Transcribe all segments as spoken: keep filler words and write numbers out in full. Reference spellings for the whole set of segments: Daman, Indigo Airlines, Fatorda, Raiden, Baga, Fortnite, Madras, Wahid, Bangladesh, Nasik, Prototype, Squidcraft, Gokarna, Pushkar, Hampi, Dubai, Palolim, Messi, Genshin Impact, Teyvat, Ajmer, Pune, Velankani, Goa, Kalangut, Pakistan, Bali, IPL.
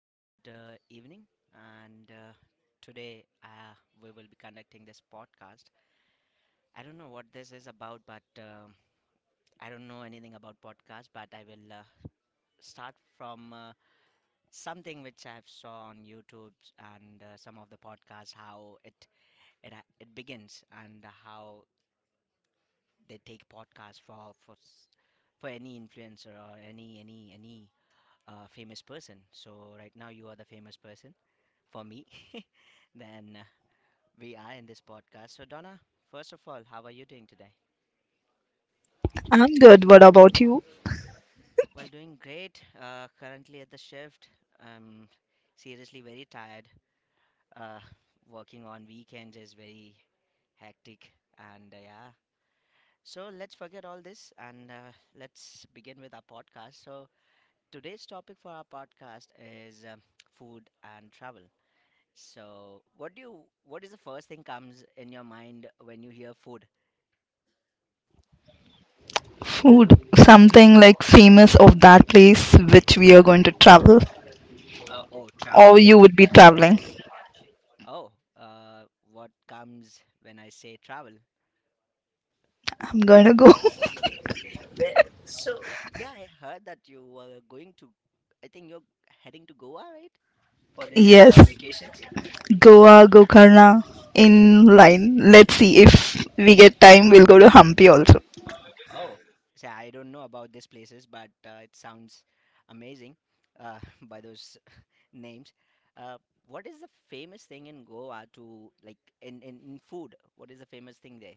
very good uh, evening. And uh, today uh, we will be conducting this podcast. I don't know what this is about, but uh, I don't know anything about podcast, but I will uh, start from uh, something which I've saw on YouTube and uh, some of the podcasts, how it, it, ha- it begins and how they take podcasts for, for, s- for any influencer or any, any, any a famous person. So right now you are the famous person for me. then uh, We are in this podcast. So Donna, first of all, how are you doing today? I'm good. What about you? Well, doing great. Uh, currently at the shift. I'm seriously very tired. Uh, Working on weekends is very hectic, and uh, yeah. So let's forget all this and uh, let's begin with our podcast. So today's topic for our podcast is um food and travel. So, what do you what is the first thing comes in your mind when you hear food? Food, Ye- something like famous of that place which we are going to travel, Uh, oh, travel. or you would be traveling. Oh, uh, what comes when I say travel? I'm going to go. Where, so, yeah, I heard that you were going to, I think you're heading to Goa, right? For this Yes, uh, vacations? Goa, Gokarna in line. Let's see if we get time, we'll go to Hampi also. Oh, so I don't know about these places, but uh, it sounds amazing uh, by those names. Uh, what is the famous thing in Goa to like in, in, in food? What is the famous thing there?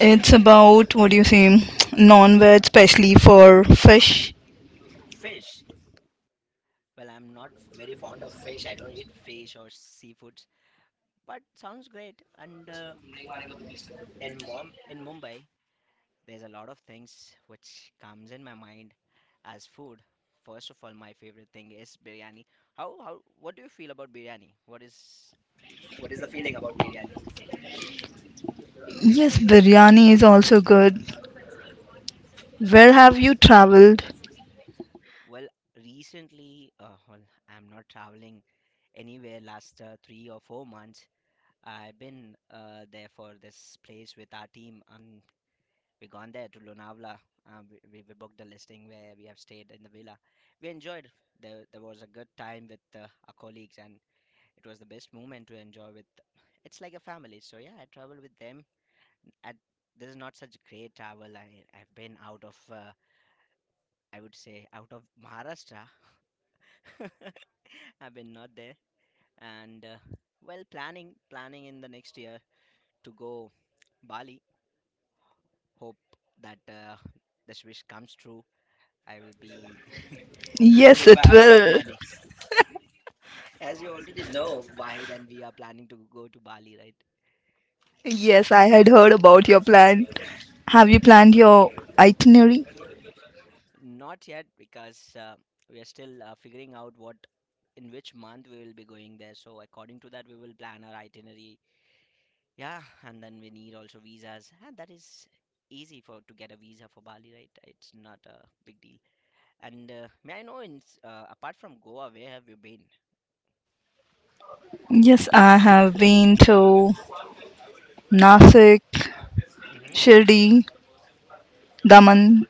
It's about what do you say, non-veg, especially for fish. Fish. Well, I'm not very fond of fish. I don't eat fish or seafoods, but sounds great. And uh, in Mom in Mumbai, there's a lot of things which comes in my mind as food. First of all, my favorite thing is biryani. How how what do you feel about biryani? What is what is the feeling about biryani? Yes, biryani is also good. Where have you traveled? Well, recently, uh, well, I'm not traveling anywhere last uh, three or four months. I've been uh, there for this place with our team, and we gone there to Lonavala. Um, we, we we booked the listing where we have stayed in the villa. We enjoyed. There there was a good time with uh, our colleagues, and it was the best moment to enjoy with. It's like a family. So yeah, I travel with them. At this is not such great travel. I I've been out of uh, I would say out of Maharashtra. I've been not there, and uh, well planning planning in the next year to go Bali. Hope that uh, this wish comes true. I will be It will Yes, it require a lot of will. money. As you already know, Wahid and we are planning to go to Bali, right? Yes, I had heard about your plan. Have you planned your itinerary? Not yet because uh, we are still uh, figuring out what in which month we will be going there. So according to that, we will plan our itinerary. Yeah, and then we need also visas, and that is easy for to get a visa for Bali, right? It's not a big deal. And uh, may I know, in s- uh, apart from Goa, where have you been? Yes, I have been to Nasik, Mm-hmm. Shirdi, Daman.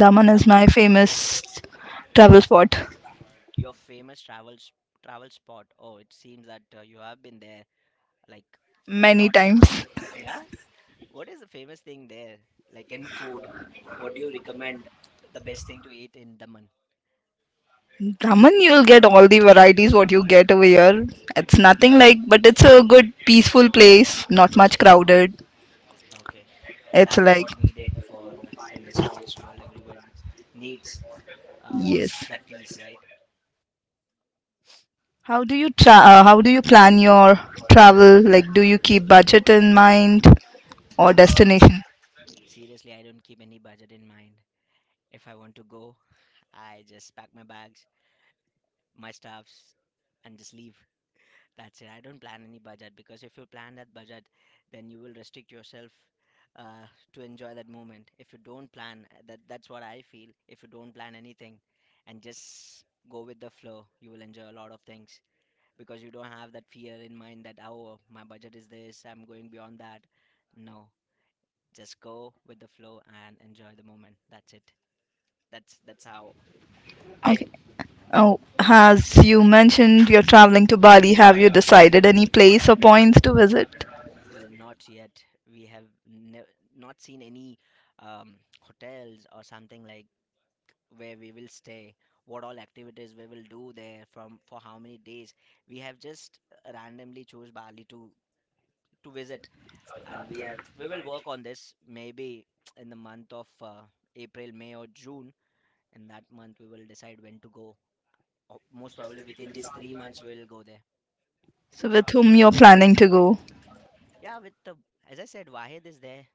Daman is Daman, my famous travel spot your famous travel s- travel spot. Oh, it seems that uh, you have been there like a many lot. times. Yeah. What is the famous thing there? Like in food, what do you recommend the best thing to eat in Daman? Daman, you'll get all the varieties what you get over here. It's Mm-hmm. nothing like, but it's a good, peaceful place. Not much Mm-hmm. crowded. Okay. It's That is like, what needed for uh, in this today's world. Everyone needs uh, this yes. that peace, right? How do you tra- uh, How do you plan your travel? Like, do you keep budget in mind or Ah, seriously, destination? seriously, I don't keep any budget in mind. If I want to go, I just pack my bags, my stuffs, and just leave. That's it. I don't plan any budget because if you plan that budget, then you will restrict yourself uh, to enjoy that moment. If you don't plan, uh, that that's what I feel. If you don't plan anything and just go with the flow, you will enjoy a lot of things because you don't have that fear in mind that oh, my budget is this, I'm going beyond that. No, just go with the flow and enjoy the moment. That's it. That's that's how I Okay. do. Oh, as you mentioned, you're traveling to Bali. Have you decided any place or points to visit? Well, not yet. We have nev- not seen any um, hotels or something like where we will stay, what all activities we will do there from for how many days. We have just randomly chose Bali to to visit, and we are we will work on this maybe in the month of uh, April, May, or June. In that month, we will decide when to go. Or most probably within these three months, we will go there. So, with whom you're planning to go? Yeah, with the as I said, Wahid is there,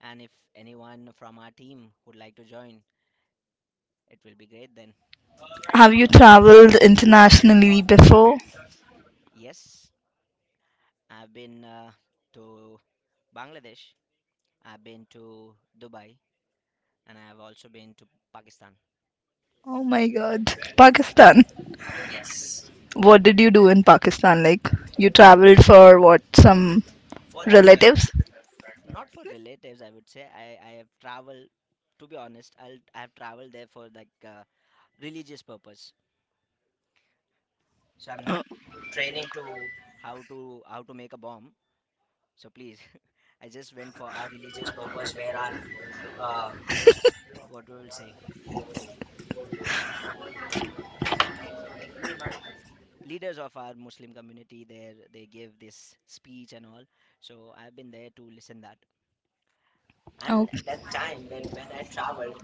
and if anyone from our team would like to join It will be great then. Have you traveled internationally before? Yes, I've been uh, to Bangladesh, I've been to Dubai, and I have also been to Pakistan. Oh my god, Pakistan. Yes, What did you do in Pakistan? Like, you traveled for what? Some for that, uh, relatives? not for relatives, I would say. I, I have traveled, to be honest, I'll, I have traveled there for like uh, religious purpose. So I'm not Oh, training to how to how to make a bomb. So please, I just went for our religious purpose where our um what we will say, leaders of our muslim community there, they give this speech and all. So I've been there to listen that, and oh, at that time when when I traveled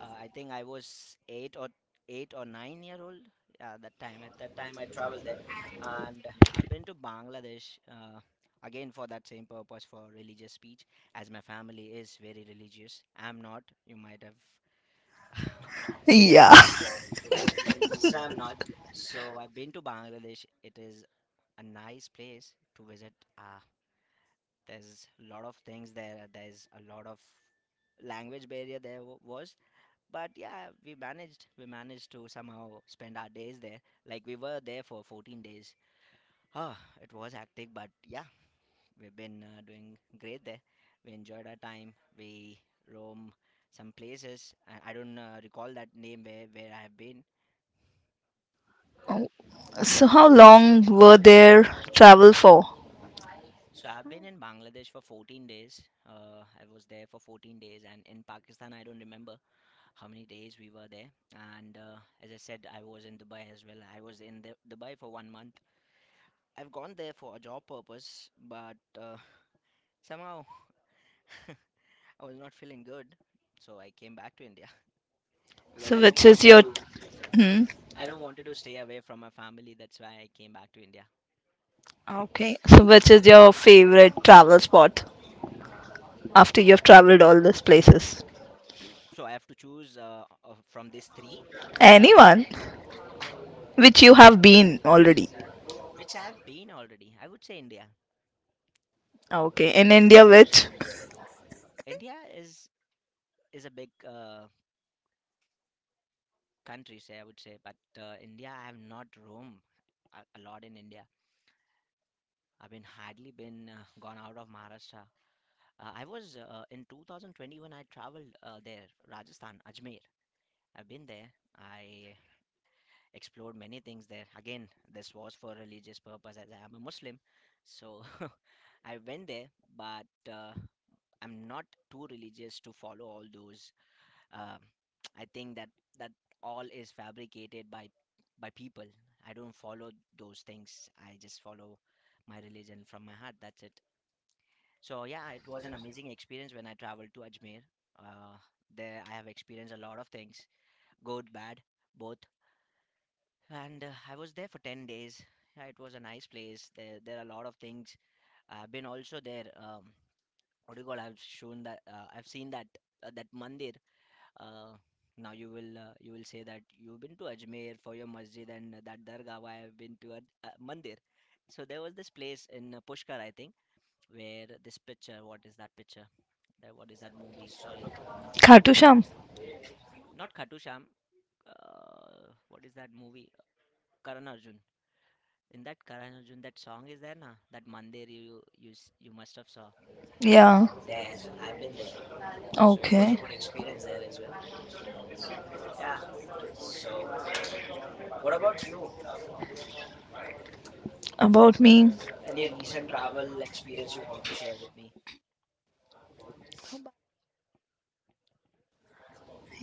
uh, I think I was eight or eight or nine year old. Yeah, that time, at that time I traveled there. And I've been to Bangladesh uh, again for that same purpose for religious speech, as my family is very religious, I'm not, you might have figured yeah. out so I'm not, so I've been to Bangladesh. It is a nice place to visit. Ah, there's a lot of things there. There's a lot of language barrier there w- was, but yeah, we managed. We managed to somehow spend our days there. Like we were there for fourteen days. Ah, it was hectic, but yeah, we've been uh, doing great there. We enjoyed our time. We roam some places. I, I don't uh, recall that name where where I have been. So, how long were their travel for? So I've been in Bangladesh for fourteen days. Uh, I was there for fourteen days, and in Pakistan, I don't remember how many days we were there. And uh, as I said, I was in Dubai as well. I was in the, Dubai for one month. I've gone there for a job purpose, but uh, somehow I was not feeling good. So I came back to India because So, I don't which is wanted your. to. Hmm? I don't wanted to stay away from my family. That's why I came back to India. Okay. So, which is your favorite travel spot after you have traveled all these places? So I have to choose uh, of- from these three, Anyone mm, which you have been already. which I've been already. I would say India. Okay, in India, which? India is is a big uh, country, say I would say, but uh, India I have not roamed a, a lot in India. I've been hardly been uh, gone out of Maharashtra. Uh, I was uh, in twenty twenty-one. I traveled uh, there, Rajasthan, Ajmer. I've been there. I explored many things there. Again, this was for religious purpose as I am a Muslim. So I went there, but uh, I'm not too religious to follow all those. Uh, I think that that all is fabricated by by people. I don't follow those things. I just follow my religion from my heart. That's it. So yeah, it was an amazing experience when I traveled to Ajmer. Uh, there I have experienced a lot of things, good, bad, both. And uh, I was there for ten days. Yeah, it was a nice place. There, there are a lot of things. I've been also there. Um, what do you call? I've shown that. Uh, I've seen that uh, that mandir. Uh, now you will uh, you will say that you've been to Ajmer for your masjid and that dargah. Why I've been to a, a mandir. So there was this place in uh, Pushkar, I think, where this picture. What is that picture? That what is that movie? Sorry, Khatusham. not Khatusham. Uh, what is that movie? Karan Arjun. In that Karan Arjun, that song is there, na? That Mandir you you s- you must have saw. Yeah. There, I've been there, so it was a Okay. good experience there as well. Yeah. So, what about you? About me. Any recent travel experience you want to share with me?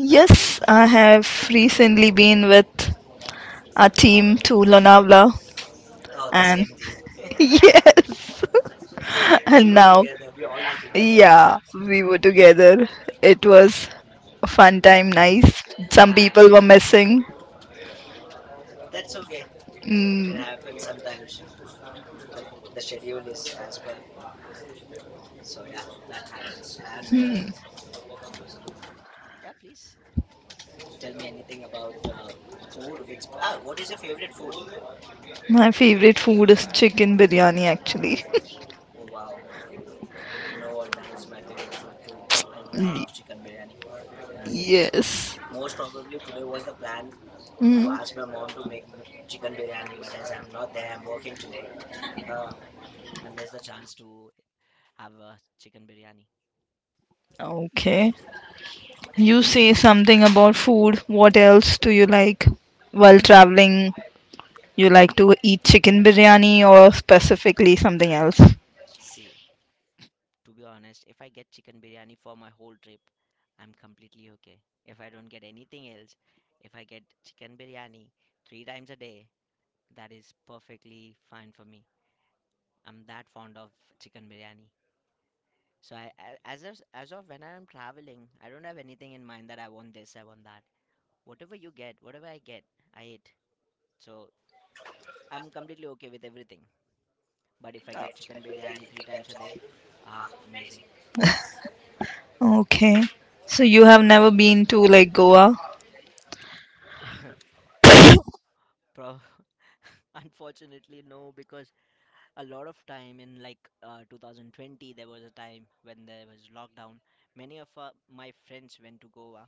Yes, I have recently been with a team to Lonavala Oh, the and same thing. yes. We And were now together. We all were together there, na? yeah, we were together. It was a fun time, nice. Some Yeah, it people were was. missing. That's okay. It Mm. happens sometimes that the schedule is as per. So yeah, that happens. And uh, Hmm. yeah, please tell me anything about uh, food. Which ah, what is your favorite food? My favorite food is chicken biryani actually. Oh wow, you know what? That is my favorite food too. I love chicken biryani. Um, Yes. most probably today was the plan to Hmm. ask my mom to make me chicken biryani, but as I'm not there, I'm working today. Uh, I missed the chance to have a chicken biryani. Okay. You Hmm. say something about food. What else do you like while traveling? You like to eat chicken biryani or specifically something else? See, to be honest, if I get chicken biryani for my whole trip, I'm completely okay. If I don't get anything else, if I get chicken biryani three times a day, that is perfectly fine for me. I'm that fond of chicken biryani. So I, a- as of, as of when I'm traveling, I don't have anything in mind that I want this, I want that. Whatever you get, whatever I get, I eat. So I'm completely okay with everything. But if I get chicken biryani three times a day, ah, amazing. Okay. So you have never been to like Goa? No, pro unfortunately no, because a lot of time in like uh, two thousand twenty, there was a time when there was lockdown. Many of uh, my friends went to goa,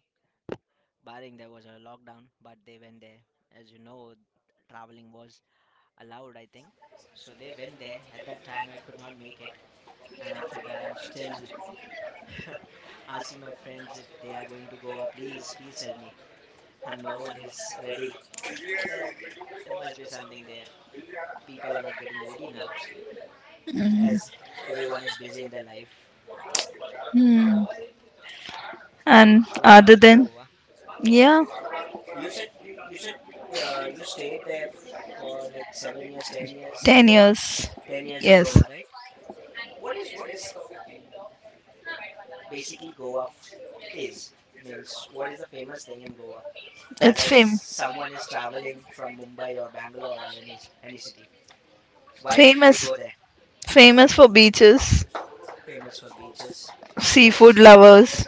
barring there was a lockdown, but they went there. As you know, traveling was allowed, I think. So they went there. At that time, I could not make it, and after that, I'm still asking my friends, if they are going to goa, please please tell me, and no one is ready. Ah, there, there must be something there, the people are not getting ready now, as everyone is busy in their life. Hmm. And I would love other to go than Goa. yeah. You said you you said uh, you stayed there for like seven years, ten years in 10 Goa. years. Ten years in Yes. Goa, right? What is what is basically Goa f- is means what is the famous thing in Goa? As It's as fame. someone is traveling from Mumbai or Bangalore or any s- any city, why should they Famous. go there? Famous for beaches, Famous for beaches, good seafood lovers. Yes.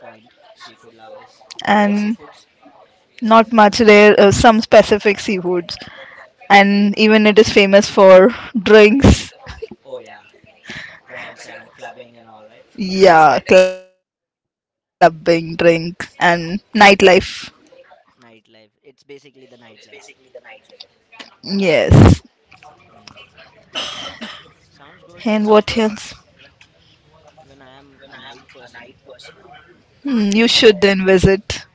point, seafood lovers. You like And seafoods? not much rare, uh, some specific seafoods. And even it is famous for drinks. Oh yeah, drinks and clubbing and all, right? Yeah, clubbing, drink, and nightlife. Nightlife. It's basically the nightlife. Yes. Mm. Sounds good. And what Even else? Even I am a night person. Hmm, you I, should then visit.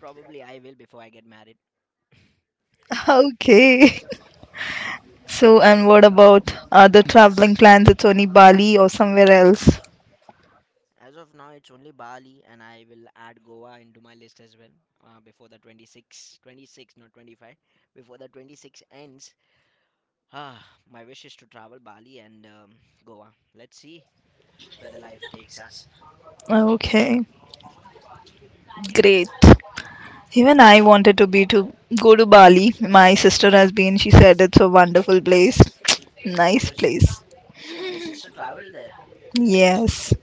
Probably I will before I get married. Okay. So, and what about other traveling plans? It's only Bali or somewhere else? As of now, it's only Bali, and I will add Goa into my list as well. Uh, before the twenty six, twenty six, not twenty five. Before the twenty six ends, ah, my wish is to travel Bali and um, Goa. Let's see where the life takes us. Okay, great. Even I wanted to be to go to Bali. My Hmm. sister has been. She said it's a wonderful place. Oh Nice yes. place. Oh, your sister traveled there. Yes.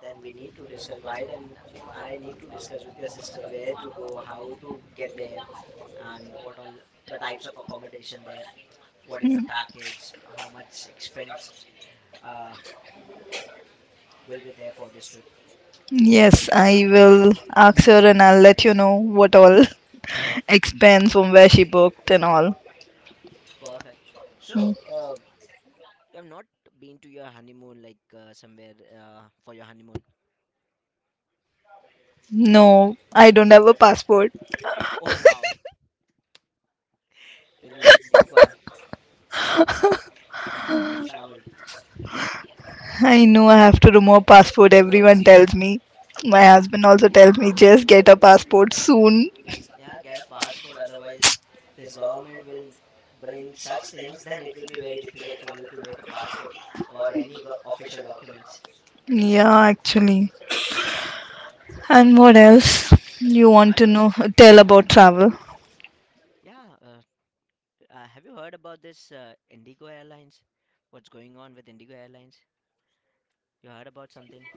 Then we need to discuss why. Then I need to discuss with your sister where to go, how to get there, and what all the types of accommodation there, what is the package, how much expense uh, will be there for this trip. Yes, I will ask her and I'll let you know what all Perfect, expense from where she booked and all. perfect. So, uh, you have not been to your honeymoon, like uh, somewhere uh, for your honeymoon? No? No, I don't have a passport. Oh, wow. Then you should make one. Travel. I know I have to remove passport. Everyone tells me. My Yeah, husband also tells me just get a passport soon. yeah, get a passport. Otherwise, this government will bring such things, then it will be very difficult for you to make a passport or any go- official documents. Yeah, actually. And what else you want to And know? Tell about travel. yeah, uh, Uh, have you heard about this uh, Indigo Airlines? What's going on with Indigo Airlines? You heard about something?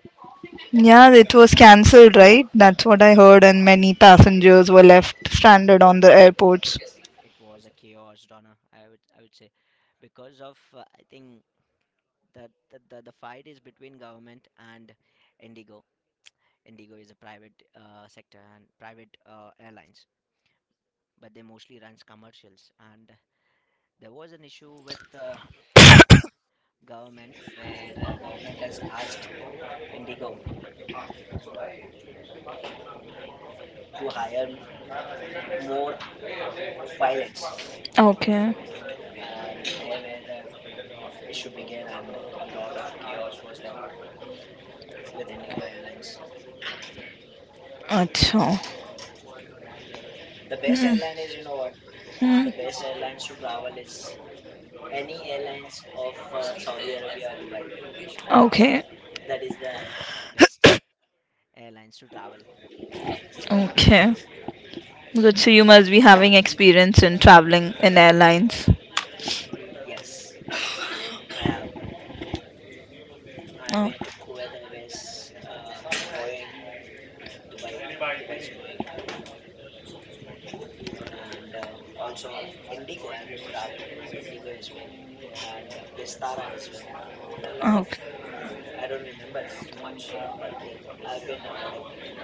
Yeah, it was cancelled, right? That's what I heard, and many passengers were left stranded on the airports. It was a chaos, Donna. I would I would say, because of uh, I think the, the the the fight is between government and Indigo. Indigo is a private uh, sector and private uh, airlines, but they mostly runs commercials. And there was an issue with uh, uh, government, where uh, government has asked Indigo to hire m- more pilots, Okay. and they were the issue began, and a lot of chaos was there with Indigo Airlines. Achha. The best airline is, you know what, Hmm. the best airlines to travel is any airlines of uh, Saudi Arabia or Dubai. Okay. That is the best airlines to travel. Okay. Good. So you must be having experience in traveling in airlines. Mm, yes, I have. I've Oh. been to Kuwait Airways, uh, Boeing, Dubai, Dubai's Boeing, and uh, also Indigo. I've been traveled to Indigo as well, and uh, Vistara as well. There are a lot of. Okay. I don't remember now much, but there I've been a lot of with them.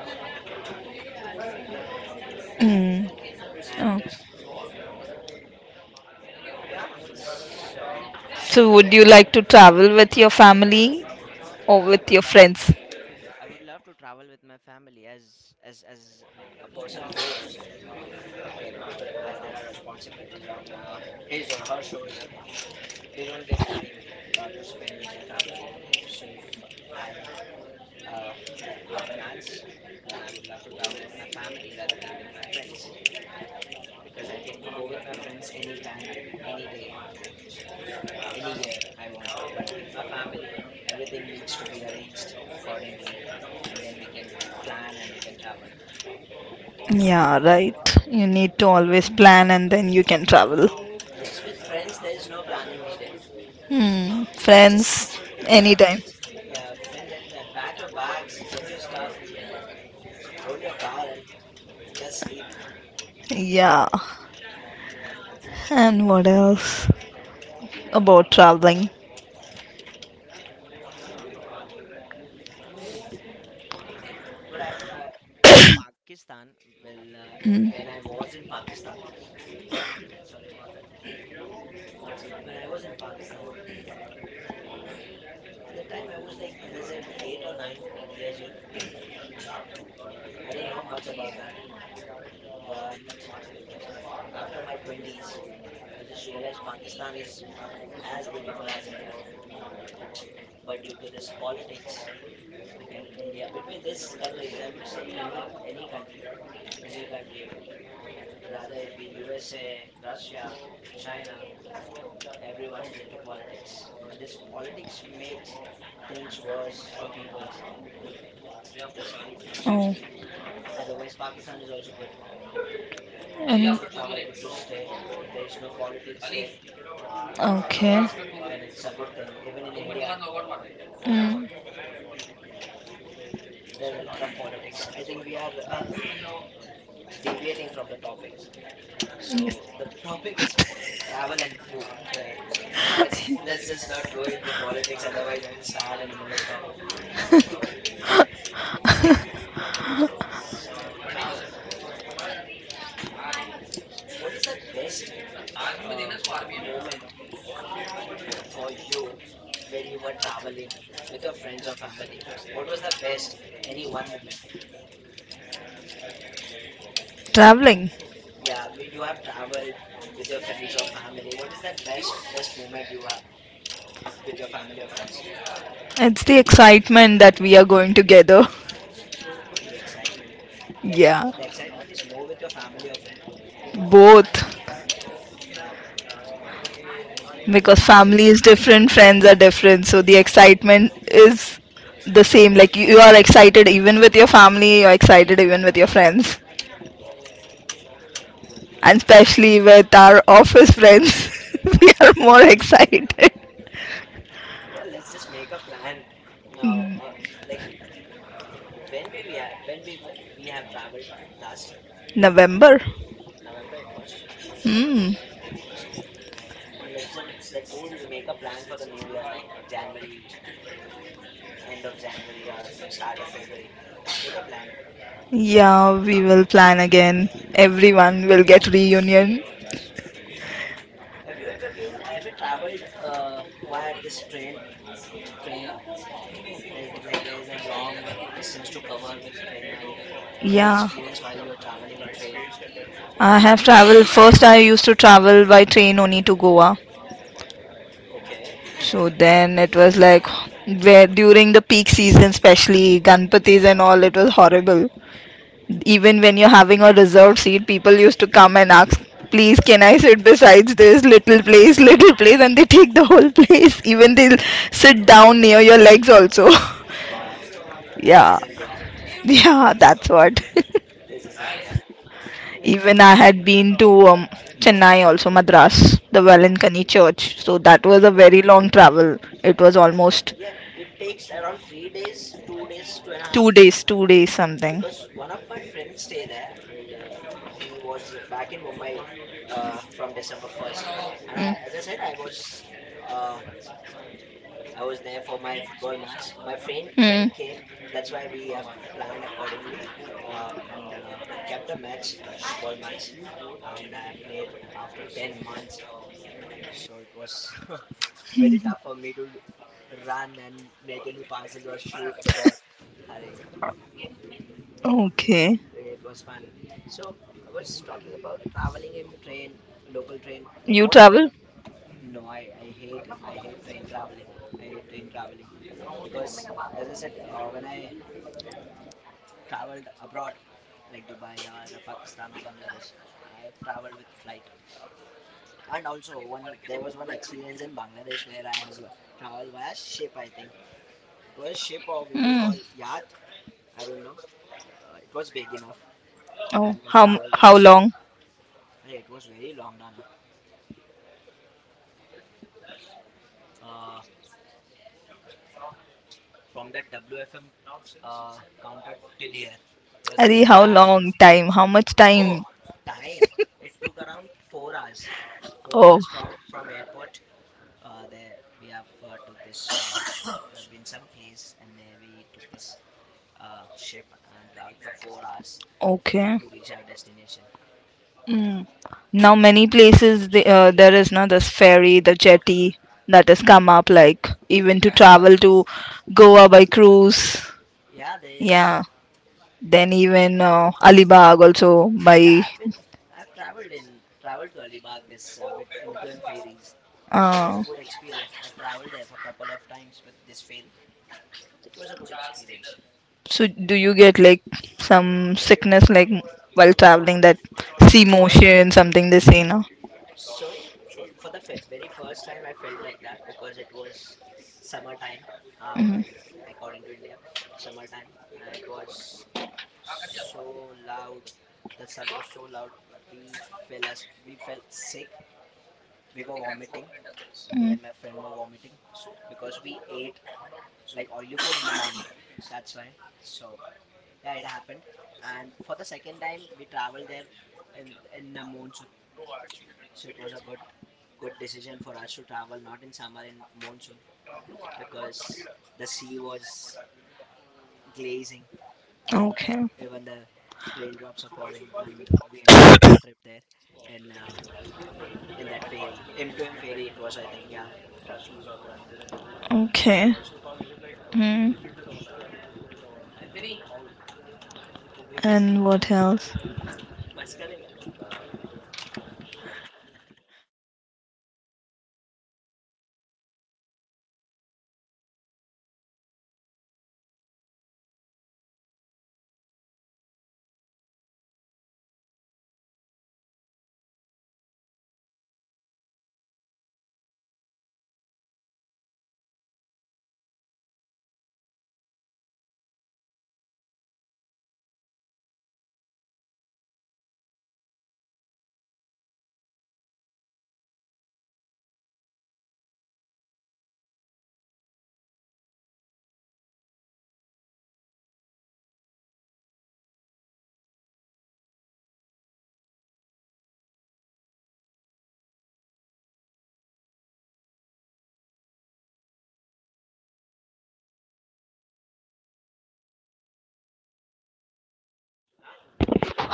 Mm. Oh. And uh, yeah, so So, would you like to travel with your family or I with would your love to. friends? I would love to travel with my family as as as a person grows. Okay, as there are responsibilities on uh, his or her shoulder, they don't get time uh, to spend with their family. So if I uh, have plans, then I would love to travel with my family rather than with my friends, because I can go with my friends anytime, any day, any year I want. But with my family, everything needs to be arranged accordingly, and then we can plan and we can travel. Yeah, right. You need to always plan and then you can travel. Yes, with friends, there is no planning needed. Hmm. Just, Friends, yeah, anytime. friends. Yeah, friends anytime. Pack your bags, get your stuff, roll your car, and just leave. Yeah. And what else about traveling? Hmm. But I, uh, in Pakistan, well, uh, Hmm. when I was in Pakistan, sorry about that. When I was in Pakistan, at that time I was like, as I said, eight or nine years old. I don't know much about that, but after my twenties, I just realized Pakistan is as beautiful as India, but due to this politics and India between these countries, I would say any any country, any country, rather it be U S A, Russia, China, everyone is into politics, and this politics makes things worse for peoples. Oh. Otherwise, Pakistan is also good. And Good to travel, good to stay. If there is no politics there, okay. then it's a good thing. Even in India, uh, Hmm. there's a lot of politics. I think we are uh, deviating from the topic. So Yes. the topic is uh, travel and food, right? Let's let's just not go into politics, otherwise I will start and never stop. So travel. What is the best uh, moment for you when you were traveling with your friends or family? What was the best any one moment? Traveling. Yeah, w- you have traveled with your friends or family. What is that best best moment you have with your family or friends? It's the excitement that we are going together. The excitement. The, ex- Yeah, the excitement is more with your family or friends. both. Oh, Because nice to hear family that. is different, friends are different. So the excitement is the same. Div, Like you, you are excited even with your family, you're excited even with your friends. good, good, And good to know. especially with our office friends, we Oh are yeah, more excited. yeah. Let's just make a plan now. Uh, like when we, we have, when we w- we have traveled last November. November, it was. Hmm. Let's then let's make a plan for the new year, like January, end of January or start of February. Let's make a plan. Yeah, we will plan again. Everyone will get reunion. Have you ever been ever traveled uh via this train? Train. There's like there's a long distance to cover with train, and any Yeah, experience while you're traveling in train? I have traveled. First, I used to travel by train only to Goa. Okay. So then it was like where during the peak season, especially Ganpatis and all, it was horrible. Even when you're having a reserved seat, people used to come and ask, please, can I sit besides this little place, little place? And they take the whole place. Even they'll sit down near your legs also. Wow, this Yeah. is India. Yeah, that's what. This is India. Even I had been to um, Chennai also, Madras, the Oh, Velankani church. So that was a oh, very long travel. It was almost yeah. It takes around three days, two days, two and a half. Two days, days. two days something. Because one of my friends stay there, and uh, he was back in Mumbai uh, from December first. And Mm. I, as I said, I was uh, I was there for my football match. My friend friend came. That's why we have planned accordingly, um, and uh, kept a match, football match, and I played after ten months. So it was. Very tough for me to run and make any passes or shoot the ball. Hurry, Okay. it was fun. So I was talking Wrong? about traveling in train, local train. You What about travel? no? I I hate I hate train traveling. I hate train traveling, because as I said, uh, when I traveled abroad, like Dubai or Pakistan or Bangladesh, I've traveled with flight. And also one there was one experience in Bangladesh where I have traveled via ship. I think it was a ship, or we will Hmm. call yacht, I don't know. Uh, it was big enough Oh, and uh, how traveled by how ship. long? Hey, it was very long, Dana. Uh, from that W F M uh, counter till here, it was Arey how that big. long time? How much time? Oh, time. It took around four hours. Four Oh, hours from from airport. Uh, there we have uh, took this. Uh, we've been some place, and there we took this uh, ship and traveled for four hours okay. to reach our destination. Mm. Now many places the, uh, there is now this ferry, the jetty that has come up. Like even to travel to Goa by cruise. Yeah, there is. Yeah. Then even uh, Alibag also Yeah, by. I've been I've traveled in traveled to Alibag this uh, with M two M ferries. It was a Uh, good experience. I've traveled there for a couple of times with this ferry. It was a good experience. So do you get like some sickness like while traveling that At sea the first, motion something they say now? so w- for the fe- very first time, I felt like that, because it was summertime. Ah, in, According to India, summertime. Uh, it was so loud. The sun was so loud. We fell as we felt sick. We were vomiting. Me Mm. and my friend were vomiting because we ate like oily food in the morning. That's why. So yeah, it happened. And for the second time, we traveled there in in the monsoon. So it was a good good decision for us to travel not in summer, in monsoon, because the sea was glazing and uh, Okay. even the raindrops are pouring, and we enjoyed our trip there in um in that ferry, m two m ferry, it was, I think, yeah. Okay. Mm. And what else?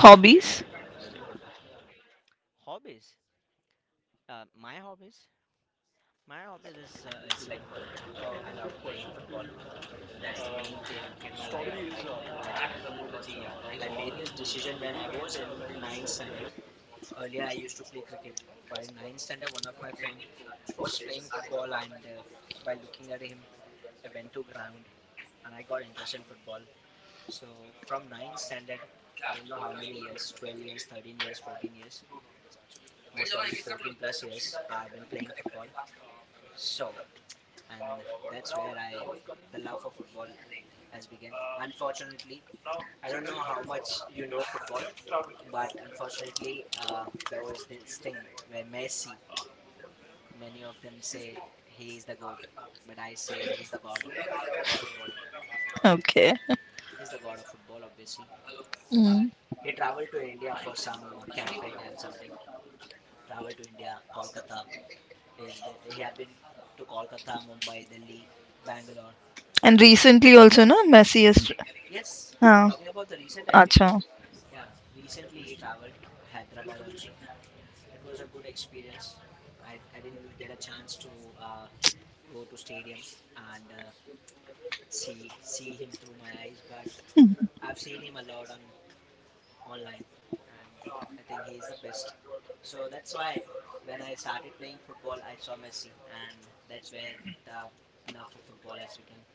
Hobbies? Hobbies. uh, my hobbies my hobbies is uh, it's like, I love playing football. That's the main thing in my life. And uh, I made this decision when I was in ninth standard. Earlier, I used to play cricket, but in ninth standard, one of my friend was playing football, and uh, by looking at him, I went to ground and I got interested in football. So from ninth standard, I don't know how many years, twelve years, thirteen years, fourteen years, most probably fourteen plus years, I've been playing football. So, and That's where I, the love for football has begun. Unfortunately, I don't know how much you know football, but unfortunately, uh, there was this thing where Messi, many of them say he is the GOAT, but I say he's the god of football. Okay. He's the god of football, obviously. But Mm. he traveled to India for some uh, camping and something. Traveled to India, Kolkata. He's been, he have been to Kolkata, Mumbai, Delhi, Bangalore. And recently also, no? Messi is. Yes, I'm Ah. talking Oh, about the recent acha. activity. Yeah, recently he traveled Hyderabad also. It was a good experience. I, I didn't get a chance to uh, go to stadium and uh, see see him through my eyes, but I've seen him a lot on online, and uh, I think he's the best. So that's why when I started playing football, I saw Messi, and that's where the love for football has begun.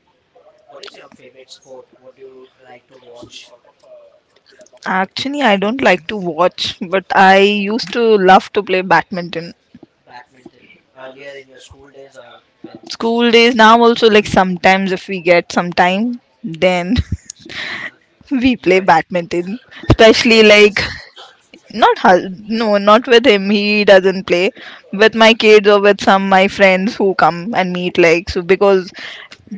What is your favorite sport? What do you like to watch? Actually, I don't like to watch, but I used to love to play badminton. Badminton earlier in your school days, or when School days now also like sometimes if we get some time, then uh, we you play were, badminton. you Especially and your like husband? Not hus- no, not with him. He doesn't play with my kids or with some my friends who come and meet. Like so, because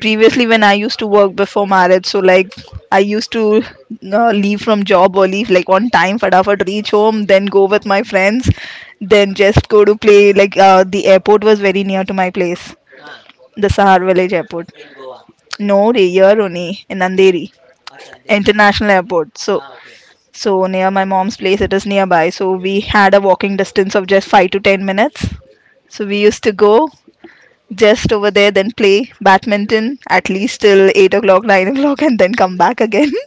previously when I used to work before marriage, so like I used to uh, leave from job early, like on time, fadafad reach home, then go with my friends, then just go to play. Like uh, the airport was very near to my place, Huh? the Sahar village airport. In Goa. No, re- here only in Andheri Acha, Andheri, okay. international airport. So Ah, okay. so near my mom's place, it is nearby. So we had a walking distance of just five to ten minutes. So we used to go just over there, then play badminton at least till eight o'clock, nine o'clock, and then come back again.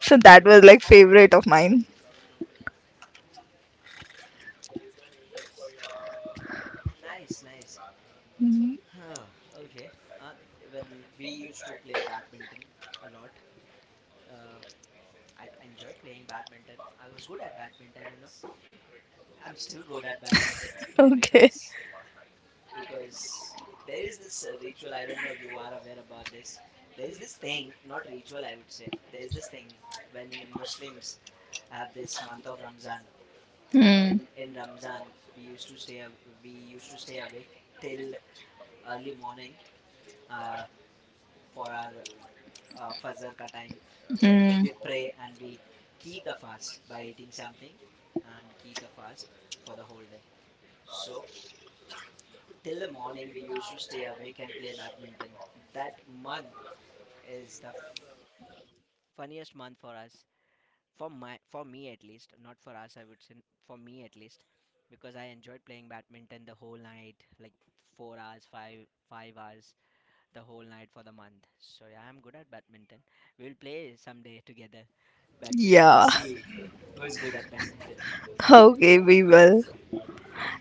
So that was like favorite of mine. Nice, nice. Mm, Huh, okay. Uh, when we used to play badminton a lot, uh, I enjoyed playing badminton. I was good at badminton, you know. I'm still good at badminton okay. because because there is this uh, ritual. I don't know you are aware about this. There is this thing, not ritual, I would say. There is this thing when Muslims have this month of Ramzan, Hmm. and in Ramzan we used to stay aw- we used to stay awake till early morning uh, for our uh, Fazarka time, uh, where, when Hmm. we pray and we keep the fast by eating something and keep the fast for the whole day. So till the morning we used to stay awake and play badminton. That month is the f- funniest month for us. For my for me at least, not for us I would say, for me at least, because I enjoyed playing badminton the whole night, like four hours, five five hours, the whole night for the month. So yeah, I'm good at badminton. We'll play someday together badminton and Yeah. see who's good at badminton. Okay, we will.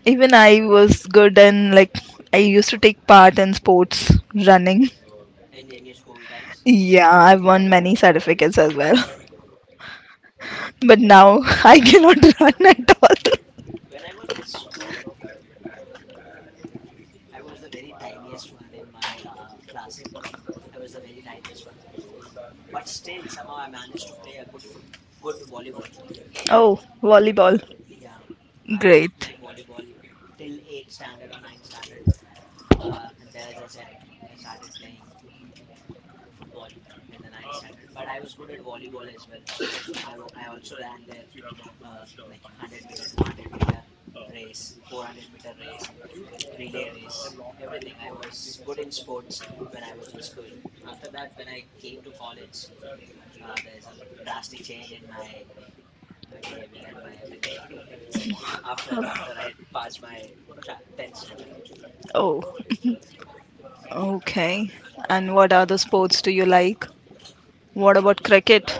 Even I was good and like I used to take part in sports running. And in your school times, Yeah, I've won many certificates as well. But now I cannot run at all. when I was in school, I was the very tiniest one in my uh, class. I was the very tiniest one, but still somehow I managed to play a good foot, good volleyball. Oh, volleyball. Yeah, I love Great. playing volleyball till eighth standard or ninth standard. Uh, and then, as I said, I started playing football in the ninth standard, but I was good at volleyball as well. So I, wa- I also ran there uh, like hundred meter, two hundred meter race, four hundred meter race, relay race, everything. I was good in sports when I was in school. After that, when I came to college, uh, there's a l- drastic change in my my behavior and my everything. I would say after after I passed my tra- tenth standard, Oh, okay. And what other sports do you like? What I about also, cricket?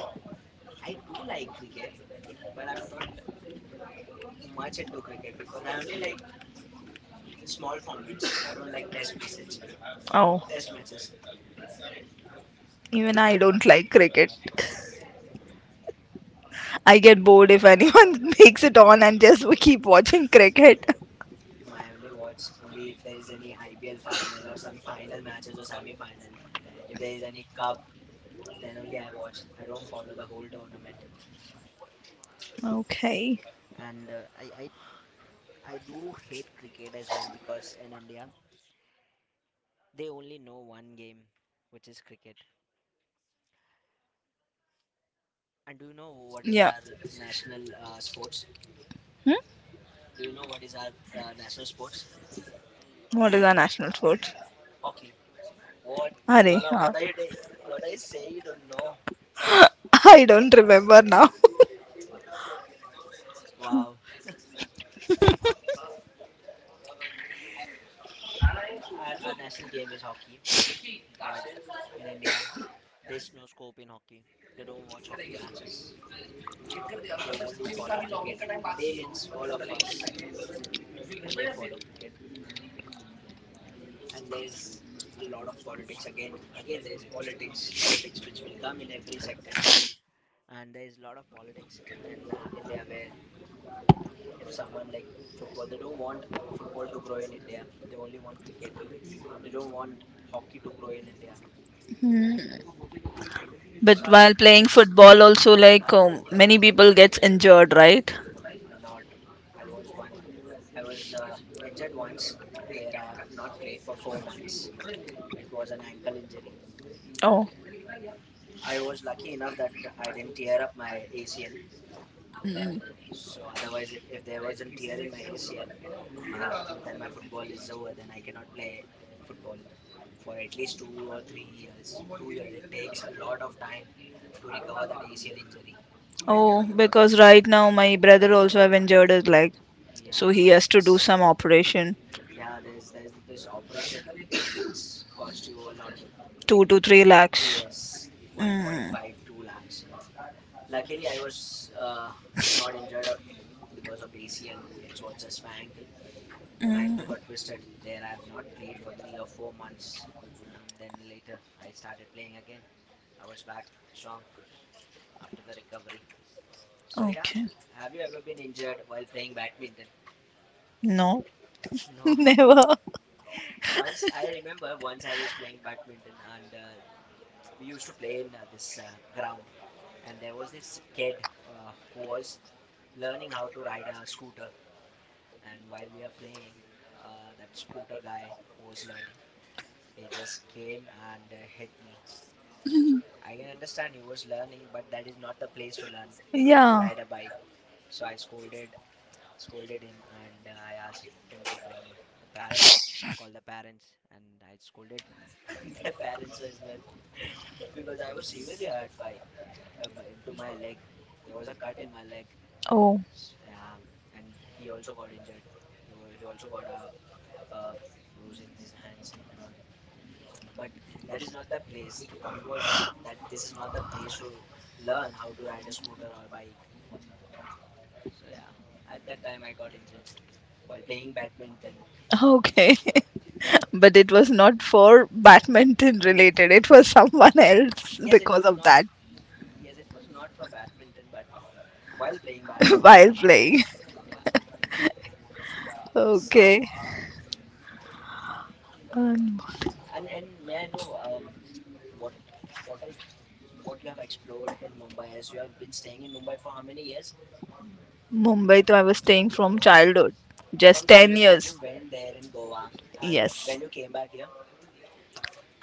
I do like cricket, but I'm not much into cricket because I only like small formats. I don't like test message. Oh. Test matches. Even I I am not. don't like cricket. I get bored if anyone makes it on and just keep watching cricket. No, I only watch only if there is any I P L final or some final matches or semi final. If there is any cup, then only I watch. I don't follow the whole tournament. Okay. And uh, I, I I do hate cricket as well because in India they only know one game, which is cricket. And do you know what is Yeah. our national uh, sports? Do you know what is our uh, national sports? What is our national sport? Hockey. What, Hurry. Donna? Huh. What are you ta- What are you saying? You don't know. I don't remember now. Wow, our, our national game is hockey, but in India, there's no scope in hockey. They don't watch hockey matches. They only follow cricket. They means all of us only follow cricket. And there's a lot of politics. Again, again, there's politics, politics which will come in every sector. And there's a lot of politics in uh, India where if someone like football, they don't want football to grow in India. They only want cricket. They don't want hockey to grow in India. Mm. So But while I'm playing against football, also like um, many people gets injured, right? a lot. I was one. I was uh, injured once, where I have not played for four months. It was an ankle injury. Oh. I was lucky enough that I didn't tear up my A C L. Mm. So otherwise, if, if there was a tear in my A C L, ah, then my football is over. Then I cannot play football for at least two or three years. Two years. It takes a lot of time to recover that A C L injury. Oh, because right now my brother also have injured his leg, so Yeah, he has to do it's, some operation, yeah, there's there's this operation and it's cost you a lot. Like two to three l- yes, lakhs. Mm. one point five two lakhs. Luckily, I was uh, not injured uh, because of A C L. It was just my ankle. My Mm. ankle got twisted. There, I have not played for three or four months, and then later I started playing again. I was back strong after the recovery. So yeah, Okay. have you ever been injured while playing badminton? No, No. never. Once I remember, once I was playing badminton and uh, we used to play in uh, this uh, ground and there was this kid uh, who was learning how to ride a scooter, and while we are playing, uh, that scooter guy who was learning, he just came and uh, hit me. I can understand he was learning, but that is not the place to learn to Yeah. ride a bike. So I scolded scolded him and uh, I asked him to bring the parents, call the parents, and I scolded their parents as well because I was severely hurt by uh, my- into my leg. There was a cut in my leg. Oh, S- um, and he also got injured. He wa- he also got a a bruise in his hands and all. But that is not the place. The point was that that this is not the place to learn how to ride a scooter or bike. So yeah, at that time I got injured while playing badminton. okay. But it was not for badminton Mm, related, it was someone else yes, it because was of not. that f- Yes, it was not for badminton, but while playing badminton, I while got injured. playing. Yeah. So, Okay. Um, and and may I know um what what what you have explored in Mumbai, as you have been staying in Mumbai for how many years? Mumbai, to I was staying from childhood, just From ten childhood, but years. you went there in Goa, and Yes. when you came back here,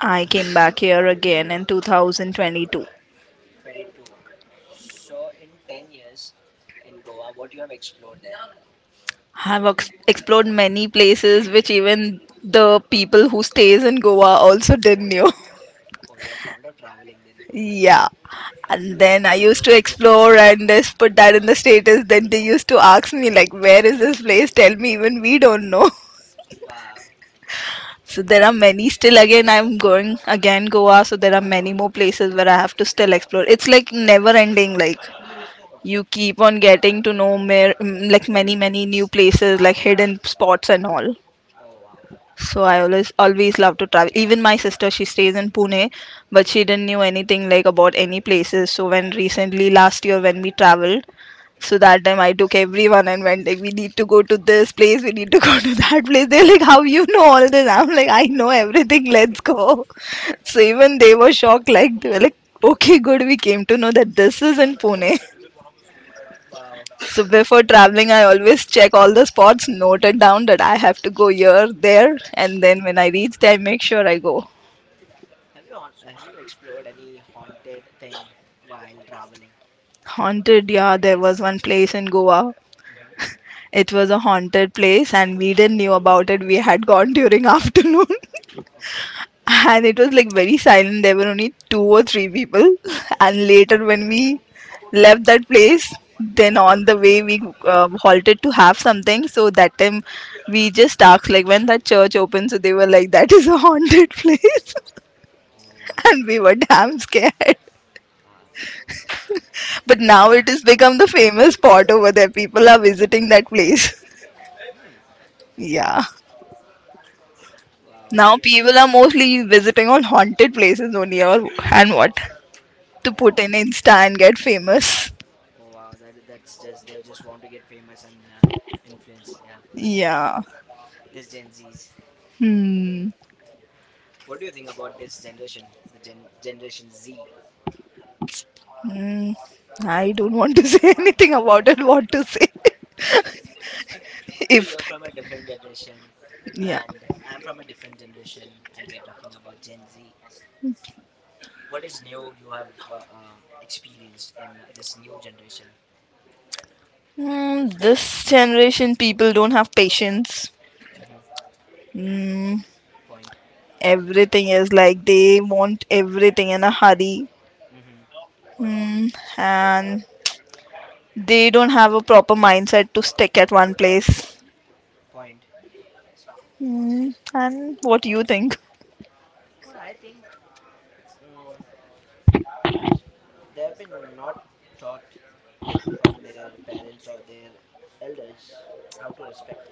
I came back here again in two thousand twenty-two. 22. So in ten years in Goa, what you have explored there? Have ex- explored many places which even the people who stays in Goa also didn't know. Oh, you're fond of traveling then. Yeah. You And like then I to used go, to go explore places. and just put that in the status. Then they used to ask me like, where is this place? Tell me, even we don't know. Wow. So there are many still again I'm going again Goa, so there are many more places where I have to still explore. It's like never ending, like you Okay. keep on getting to know mer- mm, like Many many many new places. places like hidden spots and all. Oh, wow. So I always always love to travel. Even my sister, she stays in Pune, but Mm, she didn't know anything like about any places. So when recently last year when we traveled, so hmm. that time I took everyone and went like we need to go to this place, we need to go to that place. They're like, how you know all this? I'm like, I know everything, let's go. So even they were shocked, like they were like, okay, good, we came to know that this is in Pune. Wow. So before traveling, I always check all the spots noted down that I have to go here, there, and then Hmm. when I reach there, I make sure I go. Have you haunt, have you explored any haunted thing while traveling? Haunted, yeah, there was Yes. one place in Goa. Mm-hmm. It was a haunted place, and we didn't knew about it. We had gone during afternoon. Okay. And it was like very silent. There were only two or three people. Mm-hmm. And later, when we left that place, then on the way we uh, halted to have something. So that time we just asked like when that church opened. So they were like that is a haunted place, Oh wow. and we were damn scared. Wow. But now Huh. it has become the famous spot over there. People are visiting that place. Hmm. Yeah. Wow. Have Now you? uh, people are mostly visiting on haunted places only or and what to Yeah. put in Insta and get famous. Oh, wow. That that's just, they just want to get famous and uh, influence. Yeah. Yeah. This Gen Zs. Hmm. What do you think about this generation? The gen Generation Z. Hmm. I don't want to say anything about it. What to say? So If you're from a different generation, yeah. and I'm from a different generation, and we are talking about Gen Z. What is new you have uh, um, experienced in uh, this new generation? Hmm. This generation people don't have patience. Mm-hmm. Hmm. Point. Everything is like they want everything in a hurry. Mm-hmm. Point. Hmm. And they don't have a proper mindset to stick at one place. Point. Hmm. And what do you think? What I think, mm, they have been not taught from their parents or their elders how to respect.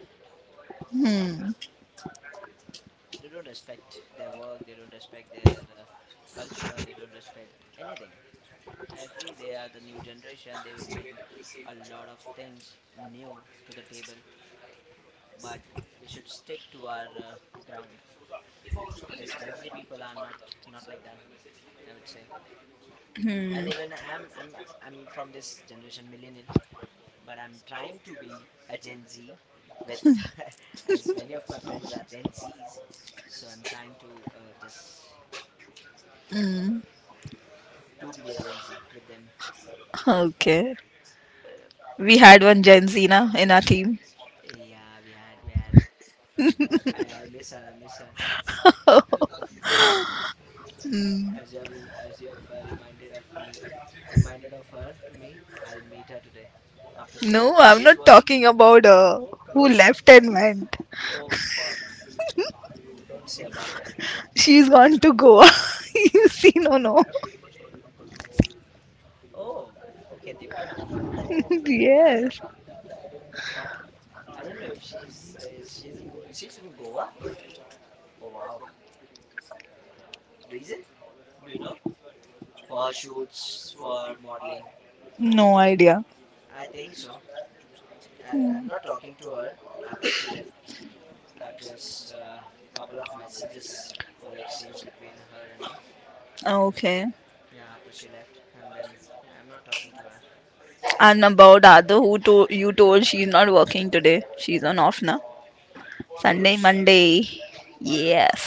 Hmm. They don't respect their work, they don't respect their uh, culture, they don't respect anything. I agree, they are the new generation, they will bring a lot of things new to the table, but we should stick to our uh, ground. This Gen Z people are not not like that, I would say. And even I'm I'm I'm from this generation millennials, but I'm trying to be a Gen Z with, as many of my friends are Gen Zs, so I'm trying to uh, just to be a Gen Z with them. But Okay. uh, We had one Gen Z na in our team. yeah, we had we had. I, I miss her. I miss her. As you have re- as you have uh, reminded of me, reminded of her to me. I'll meet her today after shift. If No, I'm she's not working. talking about uh, who Rose. left and went. Oh fuck! Don't say about her. She's gone to Goa. You see, no, no. Oh, okay, Divya. Yeah, yeah, yeah. Yes. I don't know if she's uh, is she's in Go- she's in Goa. Oh wow. Reason? Do you know? For her shoots, for modeling. No idea. I think so. I, I'm not talking to her after she left. I've just uh, couple of messages were exchanged between her and me. Ah, okay. Yeah, after she left, and then yeah, I'm not talking to her. And about Adu, who to- you told she's not working today. She's on off now. Sunday, Rose, Monday. Yes.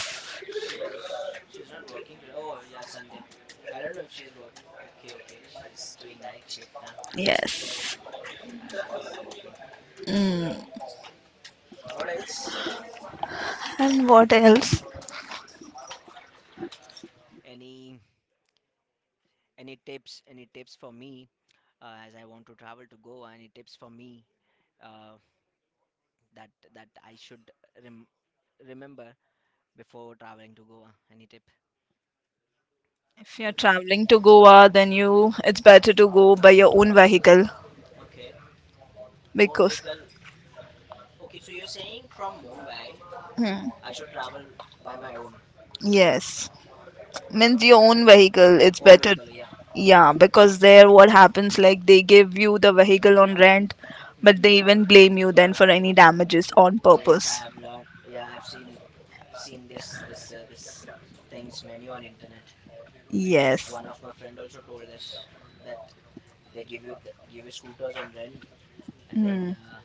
she's she's not working today. Oh yeah, Sunday. I don't know if she's work. Okay, okay, she's doing night shift now. Yes. Okay, yeah, she's not working. Mm. What else? And what else? Any any tips? Any tips for me uh, as I want to travel to Goa. Any tips for me uh, that that I should rem- remember before traveling to Goa? Any tip? If you're traveling to Goa, then you it's better to go by your own vehicle Okay. Own because. vehicle. Okay, so you're saying from Mumbai, Hmm. I should travel by my own Yes. Means your own vehicle it's own better. vehicle. Yeah. Yeah, because there what happens like they give you the vehicle on rent, but Mm-hmm. they even blame you then for any damages on Oh yes, purpose. I have learned. Yeah, I've seen seen this this uh, this things many on internet. Yes. One of my friend also told us that they give you the, give you scooters on rent, and then Hmm. uh,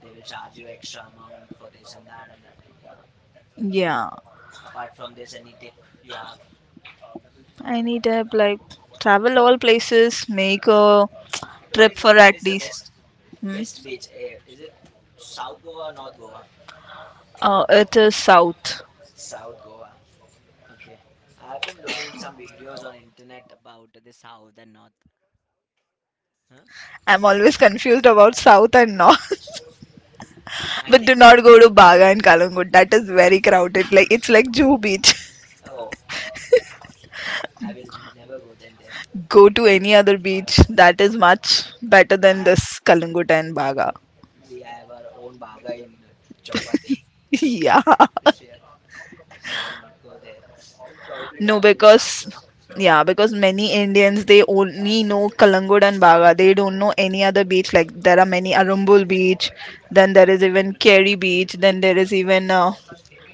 they will charge you extra amount for this and that and that. Yeah. Yeah, Apart from this, any tip you have? I need to like travel all places, make a What trip is the, for what at is the best least. Hmm? best beach? Eh, is it South Goa or North Goa? Uh, it is south. South Goa. Okay. I've been looking some videos on internet about the South and North. Huh? I'm always confused about south and north. I But do think, not go to Baga and Kalangut. That is very crowded. Like it's like Juhu Beach. oh, I will never go then there. Go to any other beach that is much better I than have this Kalangut and Baga. We have our own baga in uh, Chowpatty, Juhu Yeah. this year, so I will not go there. I will probably No, travel in because South Goa. yeah, because many Indians they only know Kalangut and Baga. They don't know any other beach. Like there are many Arumbul beach, then there is even Mm-hmm. Kerry beach, then there is even uh,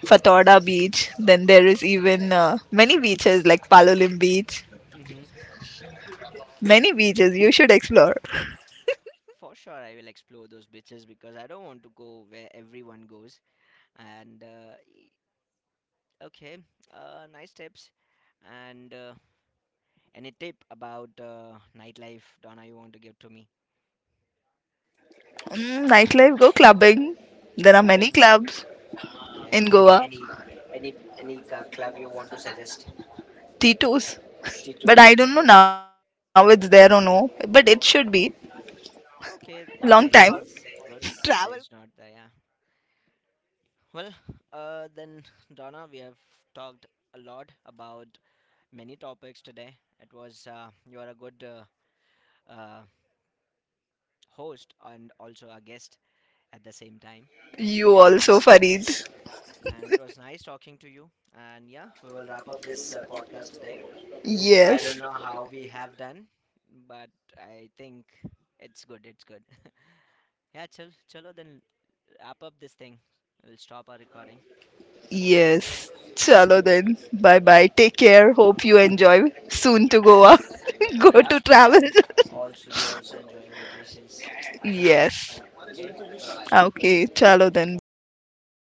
Fatorda beach, then there is even uh, many beaches like Palolim beach. Mm-hmm. Many beaches you should explore. For sure, I will explore those beaches because I don't want to go where everyone goes. And uh, y- okay, uh, nice tips. And uh, any tip about uh, nightlife, Donna? You want to give to me? Mm, nightlife, go clubbing. There are many Clubbing, clubs in okay. Any Goa. any any any uh, club you want to suggest? Tito's, T two but is I don't okay. know now it's there or no. But it should be. Long Okay, time. if there is, Travel. good. If there is not, then yeah. Well, uh, then Donna, we have talked a lot about many topics today. It was uh, you are a good uh, uh, host and also a guest at the same time to You also, podcast. Farid. And it was nice talking to you. And yeah, we will wrap up this uh, podcast today. I don't Yes. know how we have done, but I think it's good. It's good. Yeah, chal, chalo, then wrap up this thing. We'll stop our recording. Yes. Chalo then. Bye bye. Bye. Take care. Hope you enjoy. Soon to Goa. Go Yep. to travel. And also, you also enjoy your vacations now. Yes. Okay. Bye bye. Okay. Chalo then. Bye bye.